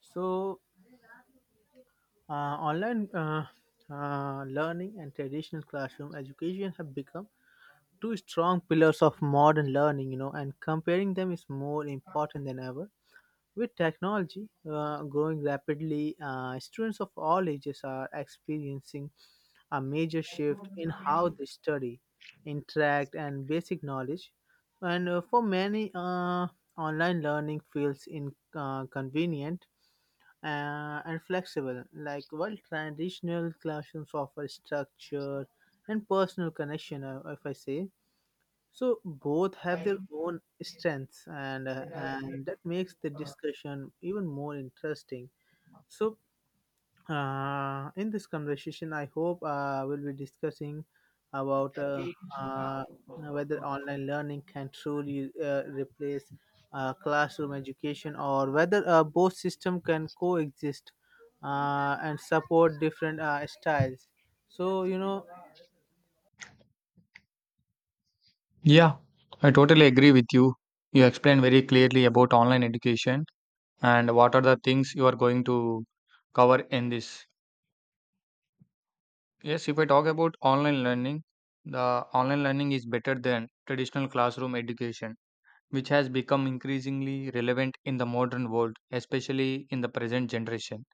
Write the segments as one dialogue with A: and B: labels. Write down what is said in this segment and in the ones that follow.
A: So, online learning and traditional classroom education have become two strong pillars of modern learning, you know, and comparing them is more important than ever. With technology growing rapidly, students of all ages are experiencing a major shift in how they study, interact, and basic knowledge. And For many, online learning feels inconvenient and flexible. Like while traditional classrooms offer structure and personal connection, if I say so, both have their own strengths, and and that makes the discussion even more interesting. So in this conversation, I hope we'll be discussing about uh, whether online learning can truly replace classroom education, or whether both system can coexist and support different styles. so you know
B: Yeah, I totally agree with you. You explained very clearly about online education and what are the things you are going to cover in this. Yes, if I talk about online learning, the online learning is better than traditional classroom education, which has become increasingly relevant in the modern world, especially in the present generation.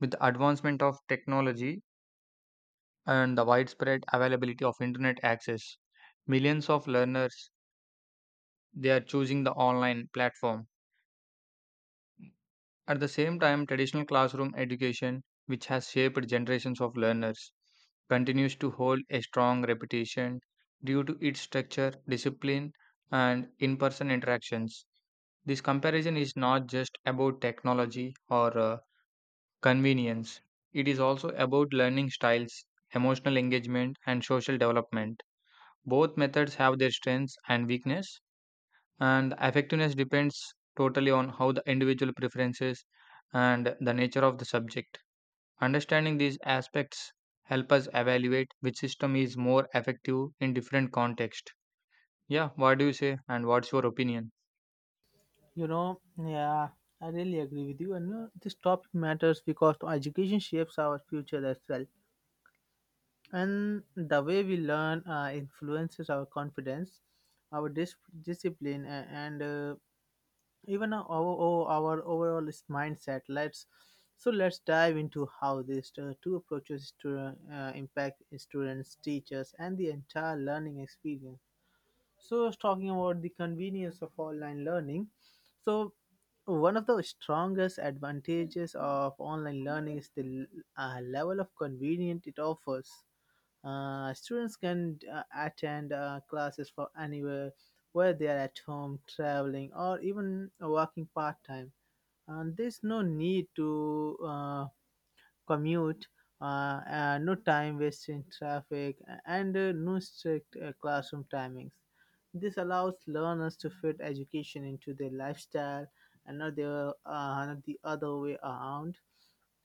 B: With the advancement of technology and the widespread availability of internet access, millions of learners they are choosing the online platform. At the same time, traditional classroom education, which has shaped generations of learners, continues to hold a strong reputation due to its structure, discipline, and in person interactions. This comparison is not just about technology or convenience, it is also about learning styles, emotional engagement, and social development. Both methods have their strengths and weakness, and effectiveness depends totally on how the individual preferences and the nature of the subject understanding these aspects help us evaluate which system is more effective in different context. Yeah, what do you say, and what's your opinion?
A: yeah, I really agree with you, and you know, this topic matters because education shapes our future as well. And the way we learn influences our confidence, our dis- discipline, and even our overall mindset. Let's so let's dive into how these two approaches to impact students, teachers, and the entire learning experience. So, I was talking about the convenience of online learning. So, one of the strongest advantages of online learning is the level of convenience it offers. Students can attend classes from anywhere, where they are at home, traveling, or even working part time. And there's no need to commute, no time wasted in traffic, and no strict classroom timings. This allows learners to fit education into their lifestyle and not the other way around.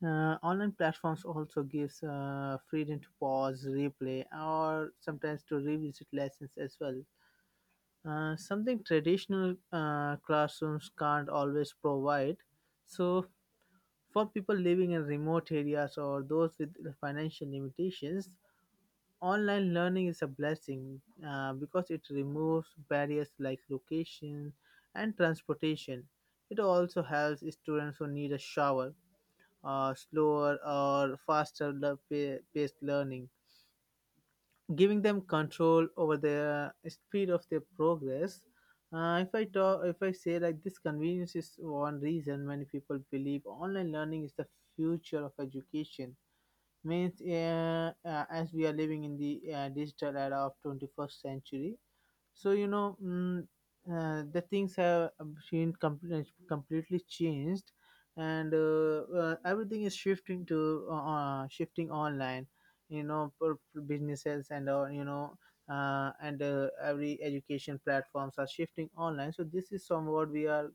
A: Online platforms also gives freedom to pause, replay, or sometimes to revisit lessons as well. Something traditional classrooms can't always provide. So for people living in remote areas or those with financial limitations, online learning is a blessing because it removes barriers like location and transportation. It also helps students who need a shower, slower or faster paced learning, giving them control over the speed of their progress. If I say like this, convenience is one reason many people believe online learning is the future of education. Means, as we are living in the digital era of 21st century, so you know, the things have been completely changed, and everything is shifting online. You know, for businesses and every education platforms are shifting online. So this is somewhat we are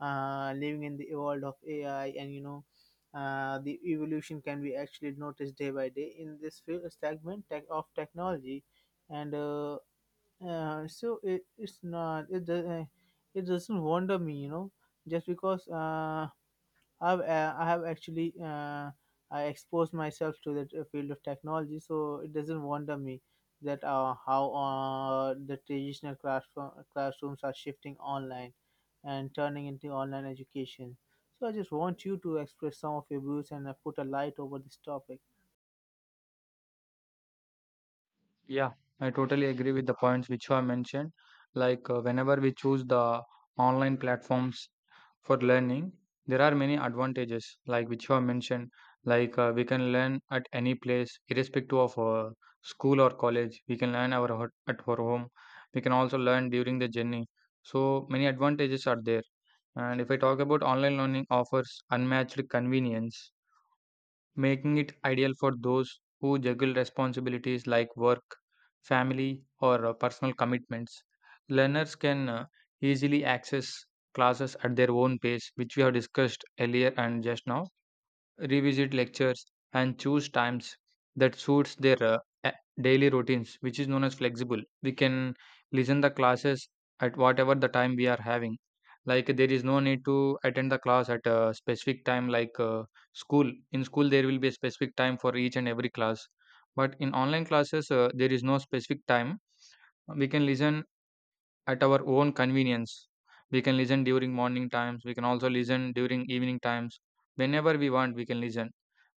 A: living in the world of AI, and you know. The evolution can be actually noticed day by day in this of technology, and so it, it's not it do- it doesn't wonder me, you know, just because I have actually I exposed myself to that field of technology, so it doesn't wonder me that how classrooms are shifting online and turning into online education. So I just want you to express some of your views and put a light over this topic.
B: Yeah, I totally agree with the points which you have mentioned, like whenever we choose the online platforms for learning, there are many advantages, like which you have mentioned, like we can learn at any place, irrespective of school or college. We can learn our at our home. We can also learn during the journey. So many advantages are there. And if I talk about online learning, offers unmatched convenience making it ideal for those who juggle responsibilities like work, family, or personal commitments. Learners can easily access classes at their own pace, which we have discussed earlier, and just now revisit lectures, and choose times that suits their a- daily routines, which is known as flexible. We can listen the classes at whatever the time we are having. Like there is no need to attend the class at a specific time, like school. In school, there will be a specific time for each and every class. But in online classes, there is no specific time. We can listen at our own convenience. We can listen during morning times, we can also listen during evening times. Whenever we want, we can listen.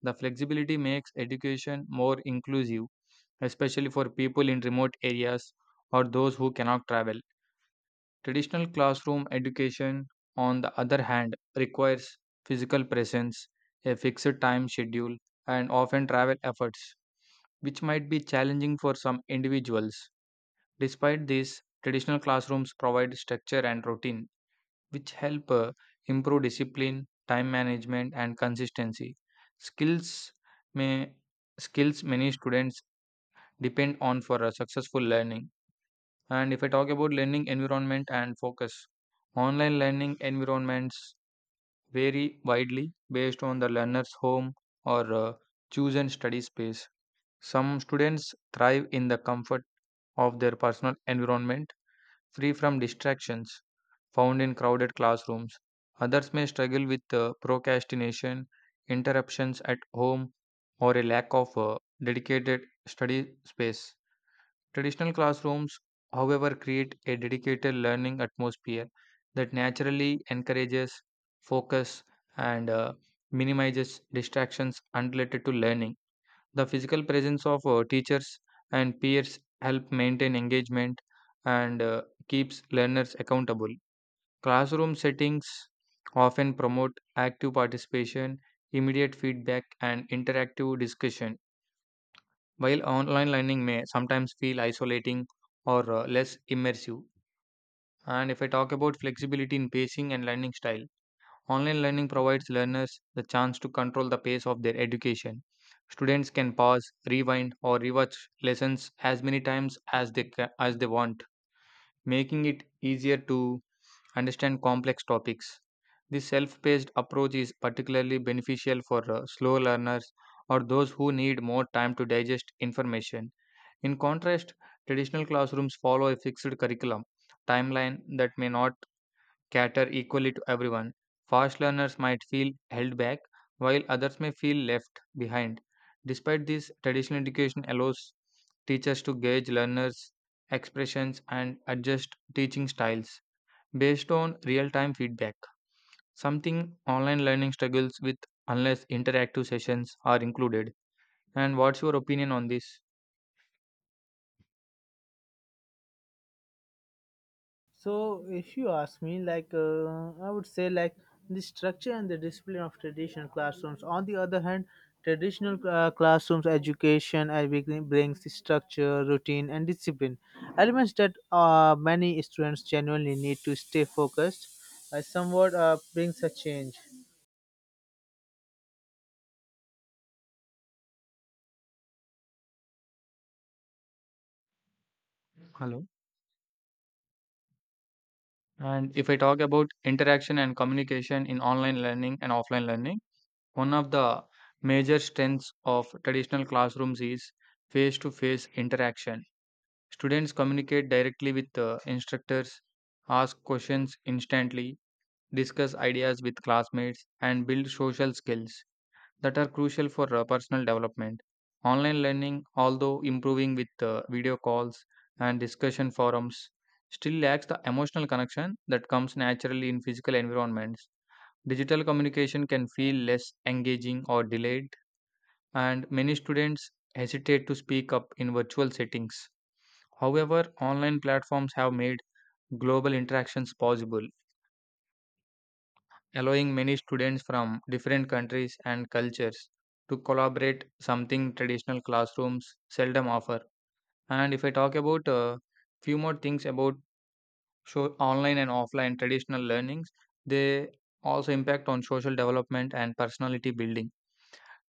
B: The flexibility makes education more inclusive, especially for people in remote areas or those who cannot travel. Traditional classroom education, on the other hand, requires physical presence, a fixed time schedule, and often travel efforts, which might be challenging for some individuals. Despite this, traditional classrooms provide structure and routine, which help improve discipline, time management, and consistency. Skills may skills many students depend on for a successful learning. And if I talk about learning environment and focus, online learning environments vary widely based on the learner's home or chosen study space. Some students thrive in the comfort of their personal environment free from distractions found in crowded classrooms. Others may struggle with procrastination, interruptions at home, or a lack of dedicated study space. Traditional classrooms, however, create a dedicated learning atmosphere that naturally encourages focus and minimizes distractions unrelated to learning. The physical presence of teachers and peers help maintain engagement and keeps learners accountable. Classroom settings often promote active participation, immediate feedback, and interactive discussion, while online learning may sometimes feel isolating or less immersive. And if I talk about flexibility in pacing and learning style, online learning provides learners the chance to control the pace of their education. Students can pause, rewind, or rewatch lessons as many times as they as they want, making it easier to understand complex topics. This self-paced approach is particularly beneficial for slow learners or those who need more time to digest information. In contrast, traditional classrooms follow a fixed curriculum timeline that may not cater equally to everyone. Fast learners might feel held back, while others may feel left behind. Despite this, traditional education allows teachers to gauge learners' expressions and adjust teaching styles based on real time feedback, something online learning struggles with unless interactive sessions are included. And what's your opinion on this?
A: So, if you ask me, like I would say, like the structure and the discipline of traditional classrooms. On the other hand, traditional classrooms education brings the structure, routine, and discipline elements that many students genuinely need to stay focused. Somewhat brings a change.
B: Hello. And if I talk about interaction and communication in online learning and offline learning, one of the major strengths of traditional classrooms is face to face interaction. Students communicate directly with the instructors, ask questions instantly, discuss ideas with classmates, and build social skills that are crucial for personal development. Online learning, although improving with video calls and discussion forums, still lacks the emotional connection that comes naturally in physical environments. Digital communication can feel less engaging or delayed, and many students hesitate to speak up in virtual settings. However, online platforms have made global interactions possible, allowing many students from different countries and cultures to collaborate, something traditional classrooms seldom offer. And if I talk about a few more things about show online and offline traditional learnings, they also impact on social development and personality building.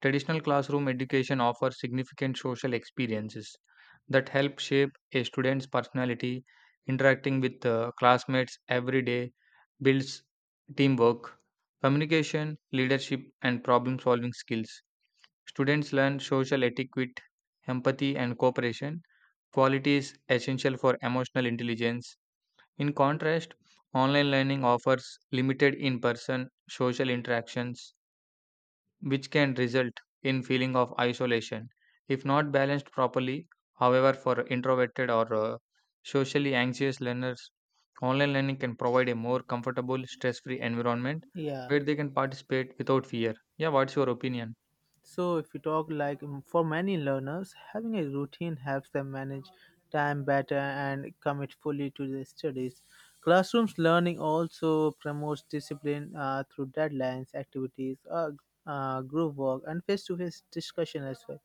B: Traditional classroom education offers significant social experiences that help shape a student's personality, interacting with classmates every day builds teamwork, communication, leadership, and problem solving skills. Students learn social etiquette, empathy, and cooperation, qualities essential for emotional intelligence. In contrast, online learning offers limited in person social interactions which can result in feeling of isolation if not balanced properly. However, for introverted or socially anxious learners, online learning can provide a more comfortable, stress-free environment
A: Yeah.
B: where they can participate without fear. Yeah, what's your opinion?
A: So, if you talk like for many learners, having a routine helps them manage time better and commit fully to their studies. Classrooms learning also promotes discipline through deadlines, activities, group work, and face to face discussion as well.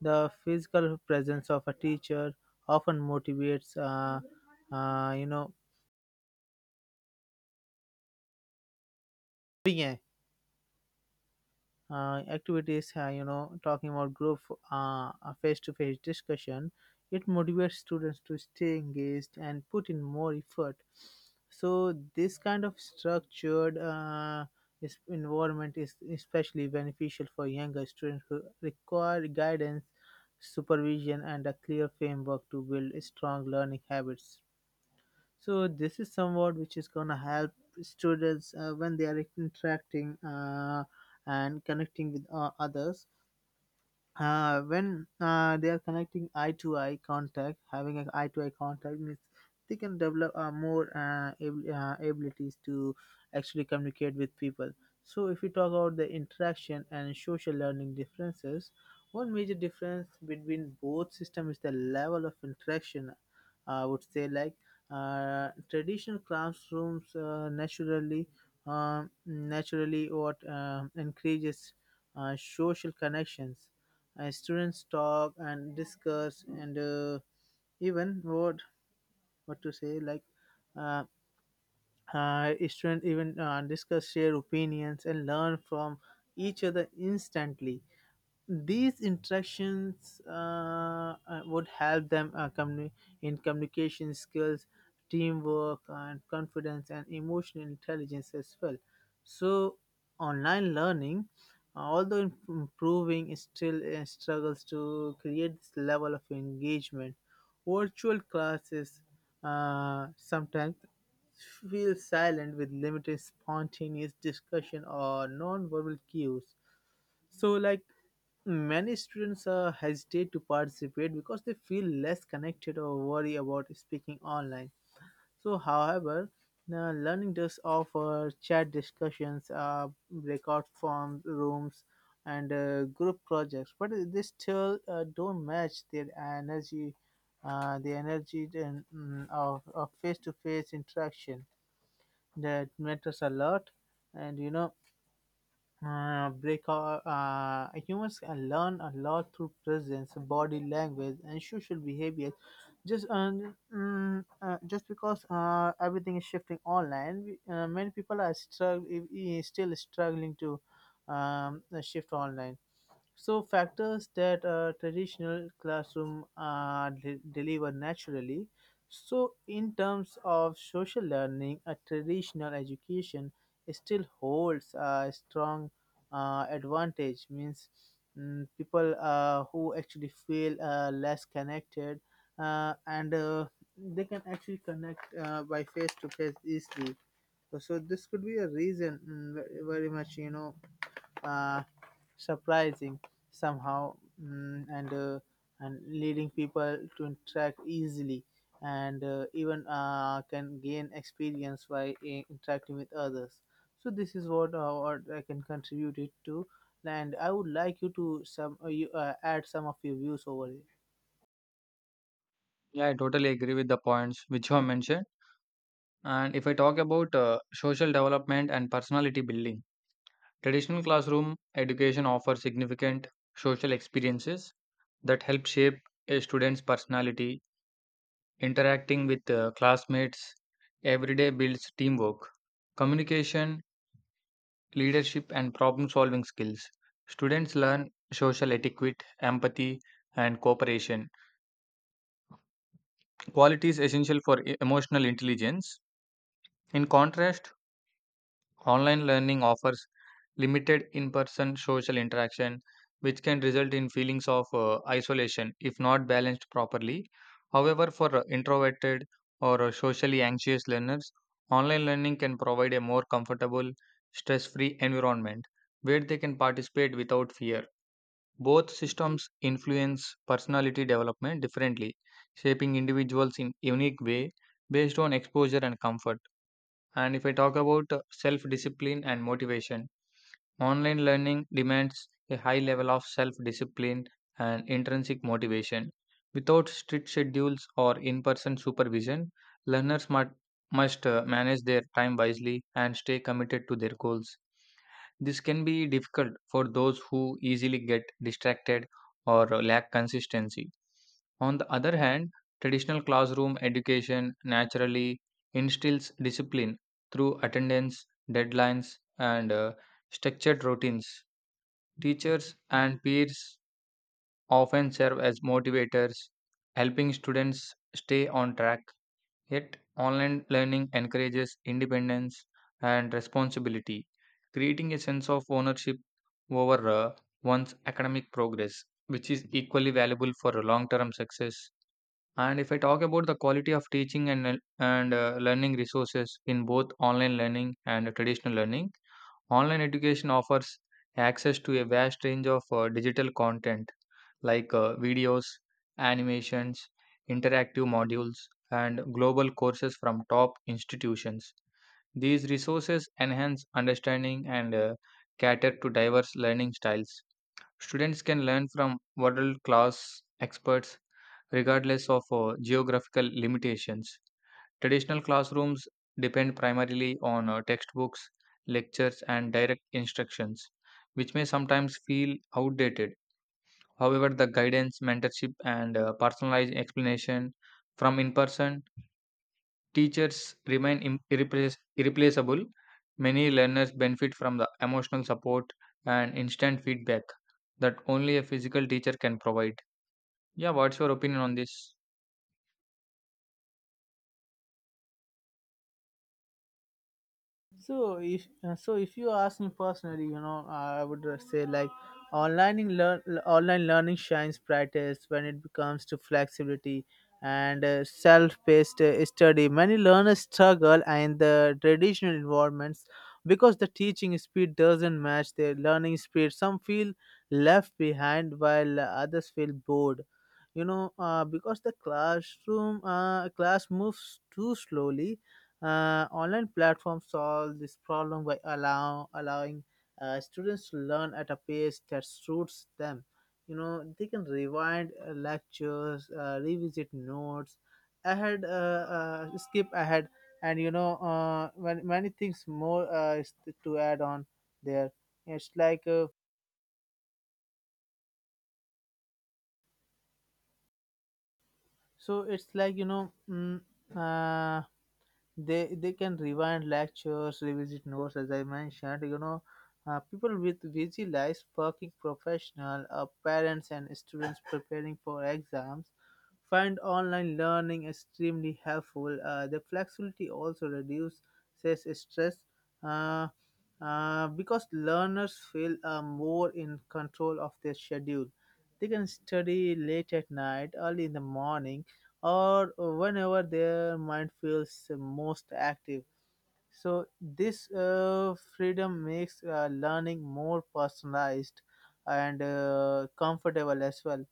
A: The physical presence of a teacher often motivates, activities, talking about group, uh, face to face discussion, it motivates students to stay engaged and put in more effort. So, this kind of structured environment is especially beneficial for younger students who require guidance, supervision, and a clear framework to build strong learning habits. So this is somewhat which is going to help students when they are interacting and connecting with others, when they are connecting eye to eye contact. Having an eye to eye contact means they can develop more abilities to actually communicate with people. So if we talk about the interaction and social learning differences, one major difference between both systems is the level of interaction. I would say like traditional classrooms naturally what encourages social connections. Students talk and discuss, and even what to say like uh, students even discuss shared opinions and learn from each other instantly. These interactions would help them in communication skills, teamwork, and confidence and emotional intelligence as well. So, online learning, although improving, it still struggles to create this level of engagement. Virtual classes sometimes feel silent, with limited spontaneous discussion or non-verbal cues. So, like, many students hesitate to participate because they feel less connected or worry about speaking online. So, however, learning does offer chat discussions, breakout form rooms, and group projects, but they still don't match their energy, the energy of face to face interaction that matters a lot. And you know, because humans can learn a lot through presence, body language, and social behavior. Just because everything is shifting online, many people are still struggling to shift online. So factors that a traditional classroom deliver naturally. So in terms of social learning, a traditional education still holds a strong advantage. Means, people who actually feel less connected and they can actually connect by face to face easily. So this could be a reason, ve- very much, you know, uh, surprising somehow, and leading people to interact easily, and even can gain experience by interacting with others. So this is what I can contribute it to, and I would like you to add some of your views over it.
B: Yeah, I totally agree with the points which you have mentioned. And if I talk about social development and personality building, traditional classroom education offers significant social experiences that help shape a student's personality. Interacting with classmates every day builds teamwork, communication, leadership, and problem solving skills. Students learn social etiquette, empathy, and cooperation, qualities essential for emotional intelligence. In contrast, online learning offers limited in person social interaction, which can result in feelings of isolation if not balanced properly. However, for introverted or socially anxious learners, online learning can provide a more comfortable, stress free environment where they can participate without fear. Both systems influence personality development differently, shaping individuals in unique way based on exposure and comfort. And if I talk about self discipline and motivation, online learning demands a high level of self discipline and intrinsic motivation. Without strict schedules or in person supervision, learners must manage their time wisely and stay committed to their goals. This can be difficult for those who easily get distracted or lack consistency. On the other hand, traditional classroom education naturally instills discipline through attendance, deadlines, and structured routines. Teachers and peers often serve as motivators, helping students stay on track. Yet, online learning encourages independence and responsibility, creating a sense of ownership over one's academic progress, which is equally valuable for long term success. And if I talk about the quality of teaching and learning resources in both online learning and traditional learning, online education offers access to a vast range of digital content like videos, animations, interactive modules, and global courses from top institutions. These resources enhance understanding and cater to diverse learning styles. Students can learn from world class experts regardless of geographical limitations. Traditional classrooms depend primarily on textbooks, lectures, and direct instructions, which may sometimes feel outdated. However, the guidance, mentorship, and personalized explanation from in person teachers remain irreplaceable. Many learners benefit from the emotional support and instant feedback that only a physical teacher can provide. Yeah, what's your opinion on this?
A: So, if you ask me personally, you know, I would say like online in learn online learning shines brightest when it comes to flexibility and self-paced study. Many learners struggle in the traditional environments because the teaching speed doesn't match their learning speed. Some feel left behind, while others feel bored. You know, because the class moves too slowly, online platforms solve this problem by allowing students to learn at a pace that suits them. You know, they can rewind lectures, revisit notes, ahead, uh, skip ahead, and you know, many, many things more is to add on there. It's like so. It's like, you know. Uh, they can rewind lectures, revisit notes, as I mentioned, you know. People with busy lives, working professional, parents, and students preparing for exams find online learning extremely helpful. The flexibility also reduces stress, uh, because learners feel more in control of their schedule. They can study late at night, early in the morning, or whenever their mind feels most active. So, this freedom makes learning more personalized and comfortable as well,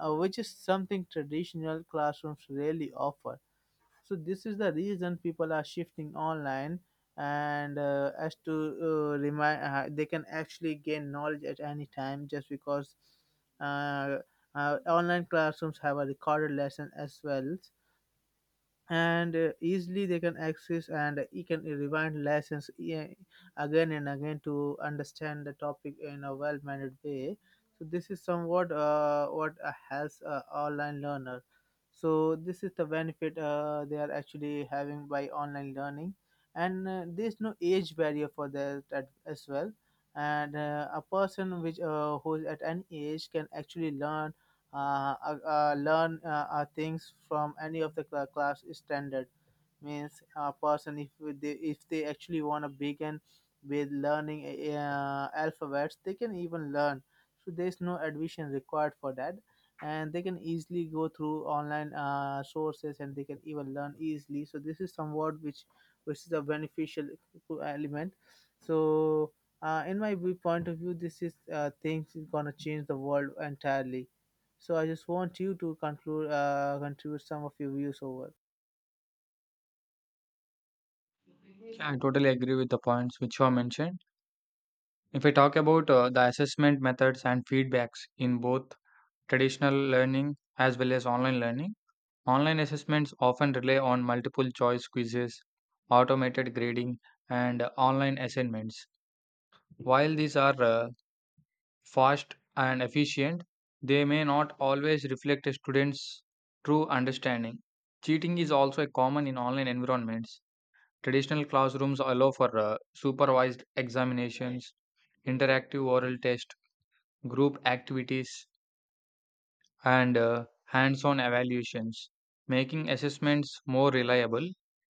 A: which is something traditional classrooms rarely offer. So, this is the reason people are shifting online, and as to remind, they can actually gain knowledge at any time, just because uh, online classrooms have a recorded lesson as well, and easily they can access, and you can rewind lessons again and again to understand the topic in a well managed way. So this is somewhat what helps online learner. So this is the benefit they are actually having by online learning. And there's no age barrier for that at, as well. And a person which who is at any age can actually learn, things from any of the class is standard. Means, a person, if they actually want to begin with learning alphabets, they can even learn. So there's no admission required for that, and they can easily go through online sources, and they can even learn easily. So this is somewhat which is a beneficial element. So in my point of view, this is things is going to change the world entirely. So I just want you to conclude contribute some of your views over.
B: Yeah, I totally agree with the points which you have mentioned. If I talk about the assessment methods and feedbacks in both traditional learning as well as online learning, online assessments often rely on multiple choice quizzes, automated grading, and online assignments. While these are fast and efficient, they may not always reflect a student's true understanding. Cheating is also a common in online environments. Traditional classrooms allow for supervised examinations, interactive oral tests, group activities, and hands on evaluations, making assessments more reliable.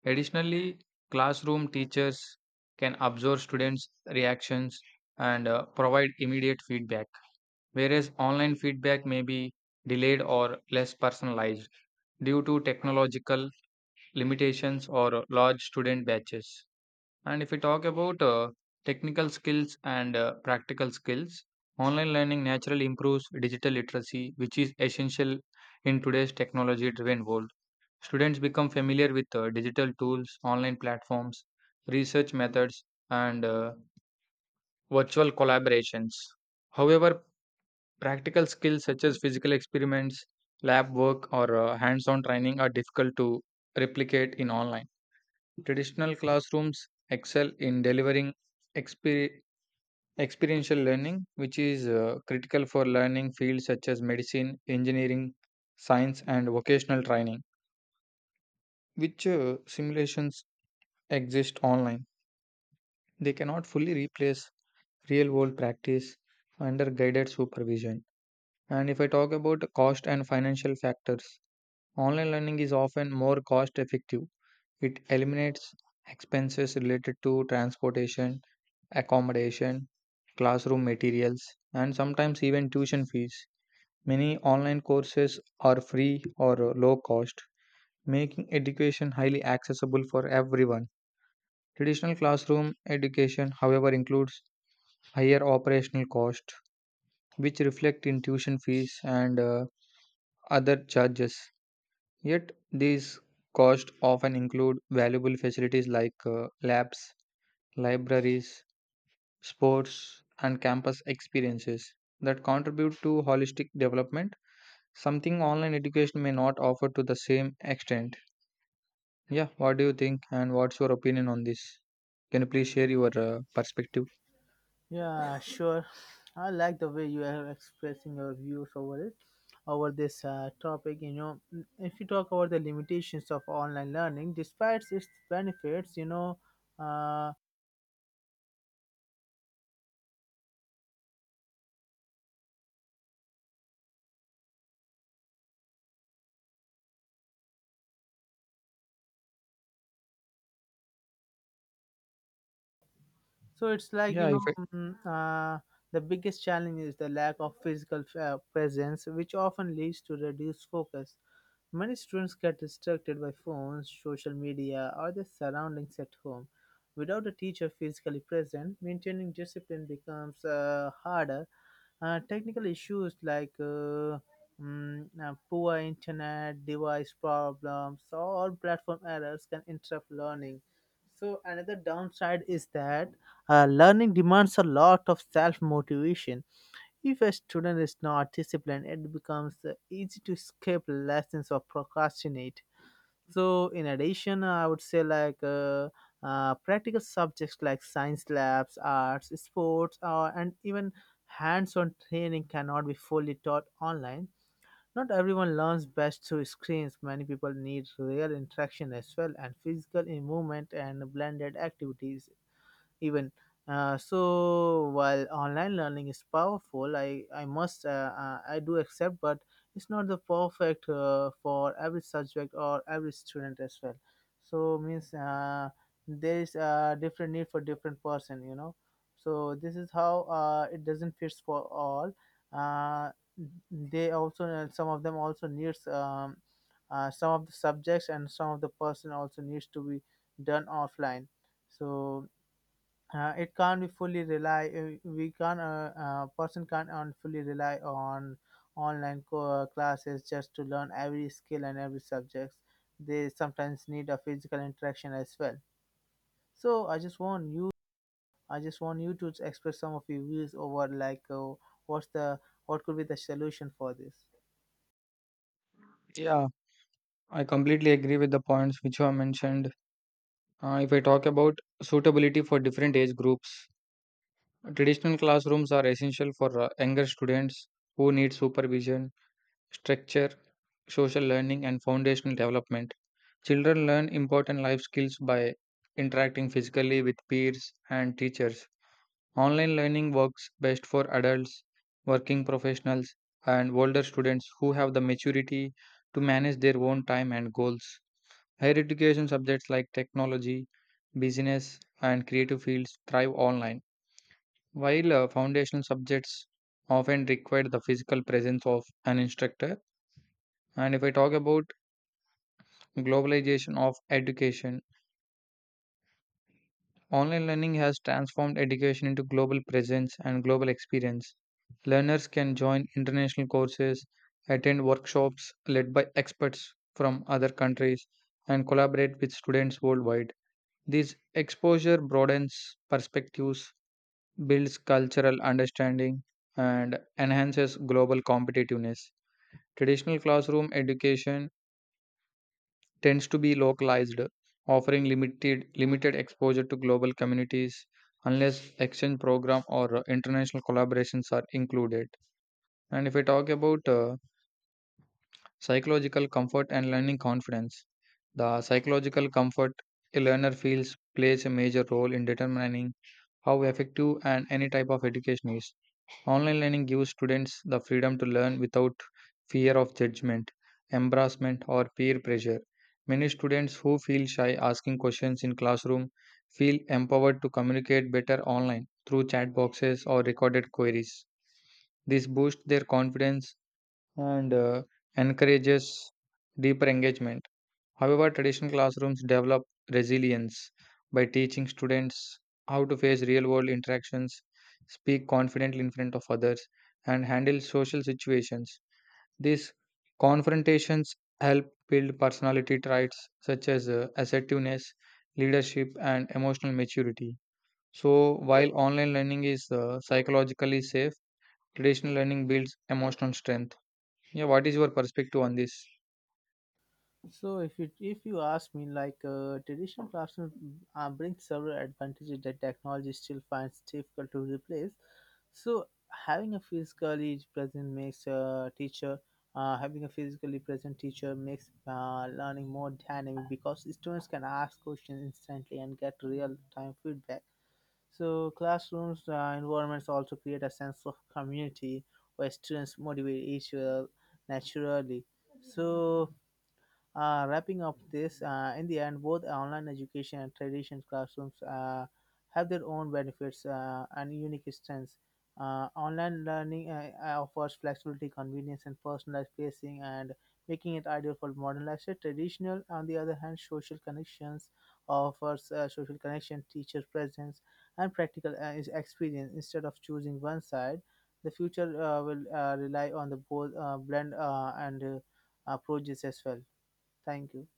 B: Additionally, classroom teachers can observe students' reactions and provide immediate feedback, whereas online feedback may be delayed or less personalized due to technological limitations or large student batches. And if we talk about technical skills and practical skills, online learning naturally improves digital literacy, which is essential in today's technology driven world. Students become familiar with digital tools, online platforms, research methods, and virtual collaborations. However, practical skills such as physical experiments, lab work, or hands on training are difficult to replicate in online. Traditional classrooms excel in delivering exper- experiential learning, which is critical for learning fields such as medicine, engineering, science, and vocational training, which simulations exist online. They cannot fully replace real world practice under guided supervision. And if I talk about cost and financial factors, online learning is often more cost effective. It eliminates expenses related to transportation, accommodation, classroom materials, and sometimes even tuition fees. Many online courses are free or low cost, making education highly accessible for everyone. Traditional classroom education, however, includes higher operational costs, which reflect in tuition fees and other charges. Yet, these costs often include valuable facilities like labs, libraries, sports, and campus experiences that contribute to holistic development, something online education may not offer to the same extent. Yeah, what do you think, and what's your opinion on this? Can you please share your perspective?
A: Yeah, sure. I like the way you are expressing your views over it, over this topic. You know, if you talk about the limitations of online learning, despite its benefits, you know, uh, so it's like you
B: Yeah, if
A: know,
B: I,
A: mm, the biggest challenge is the lack of physical presence, which often leads to reduced focus. Many students get distracted by phones, social media, or their surroundings at home. Without a teacher physically present, maintaining discipline becomes harder. Technical issues like poor internet, device problems, or platform errors can interrupt learning. So, another downside is that learning demands a lot of self motivation. If a student is not disciplined, it becomes easy to skip lessons or procrastinate. So in addition, I would say like practical subjects like science labs, arts, sports, and even hands-on training cannot be fully taught online. Not everyone learns best through screens. Many people need real interaction as well, and physical movement and blended activities even. So while online learning is powerful, I must, I do accept, but it's not the perfect for every subject or every student as well. So means, there is a different need for different person, you know. So this is how it doesn't fit for all. Uh, they also, some of them also needs, some of the subjects and some of the person also needs to be done offline. So it can't be fully rely we can't person can't on fully rely on online classes just to learn every skill and every subject. They sometimes need a physical interaction as well. So I just want you to express some of your views over, like, what's the what could be the solution for this.
B: yeah, I completely agree with the points which you have mentioned. If I talk about suitability for different age groups, traditional classrooms are essential for younger students who need supervision, structure, social learning, and foundational development. Children learn important life skills by interacting physically with peers and teachers. Online learning works best for adults, working professionals, and older students who have the maturity to manage their own time and goals. Higher education subjects like technology, business, and creative fields thrive online, while foundational subjects often require the physical presence of an instructor. And if I talk about globalization of education, online learning has transformed education into global presence and global experience. Learners can join international courses, attend workshops led by experts from other countries, and collaborate with students worldwide. This exposure broadens perspectives, builds cultural understanding, and enhances global competitiveness. Traditional classroom education tends to be localized, offering limited exposure to global communities unless exchange program or international collaborations are included. And if I talk about psychological comfort and learning confidence, the psychological comfort a learner feels plays a major role in determining how effective and any type of education is. Online learning gives students the freedom to learn without fear of judgment, embarrassment, or peer pressure. Many students who feel shy asking questions in classroom feel empowered to communicate better online through chat boxes or recorded queries. This boosts their confidence and encourages deeper engagement. However, traditional classrooms develop resilience by teaching students how to face real world interactions, speak confidently in front of others, and handle social situations. These confrontations help build personality traits such as assertiveness, leadership, and emotional maturity. So, while online learning is psychologically safe, traditional learning builds emotional strength. Yeah, what is your perspective on this?
A: So if you, if you ask me like, traditional classroom brings several advantages that technology still finds difficult to replace. So having a physically present makes a teacher having a physically present teacher makes learning more dynamic, because students can ask questions instantly and get real time feedback. So classrooms environments also create a sense of community where students motivate each other naturally. So wrapping up this, in the end, both online education and traditional classrooms have their own benefits and unique strengths. Online learning offers flexibility, convenience, and personalized pacing, and making it ideal for modern lifestyle. Traditional, on the other hand, social connections offers social connection, teacher presence, and practical experience. Instead of choosing one side, the future will rely on the both blend and approaches as well. Thank you.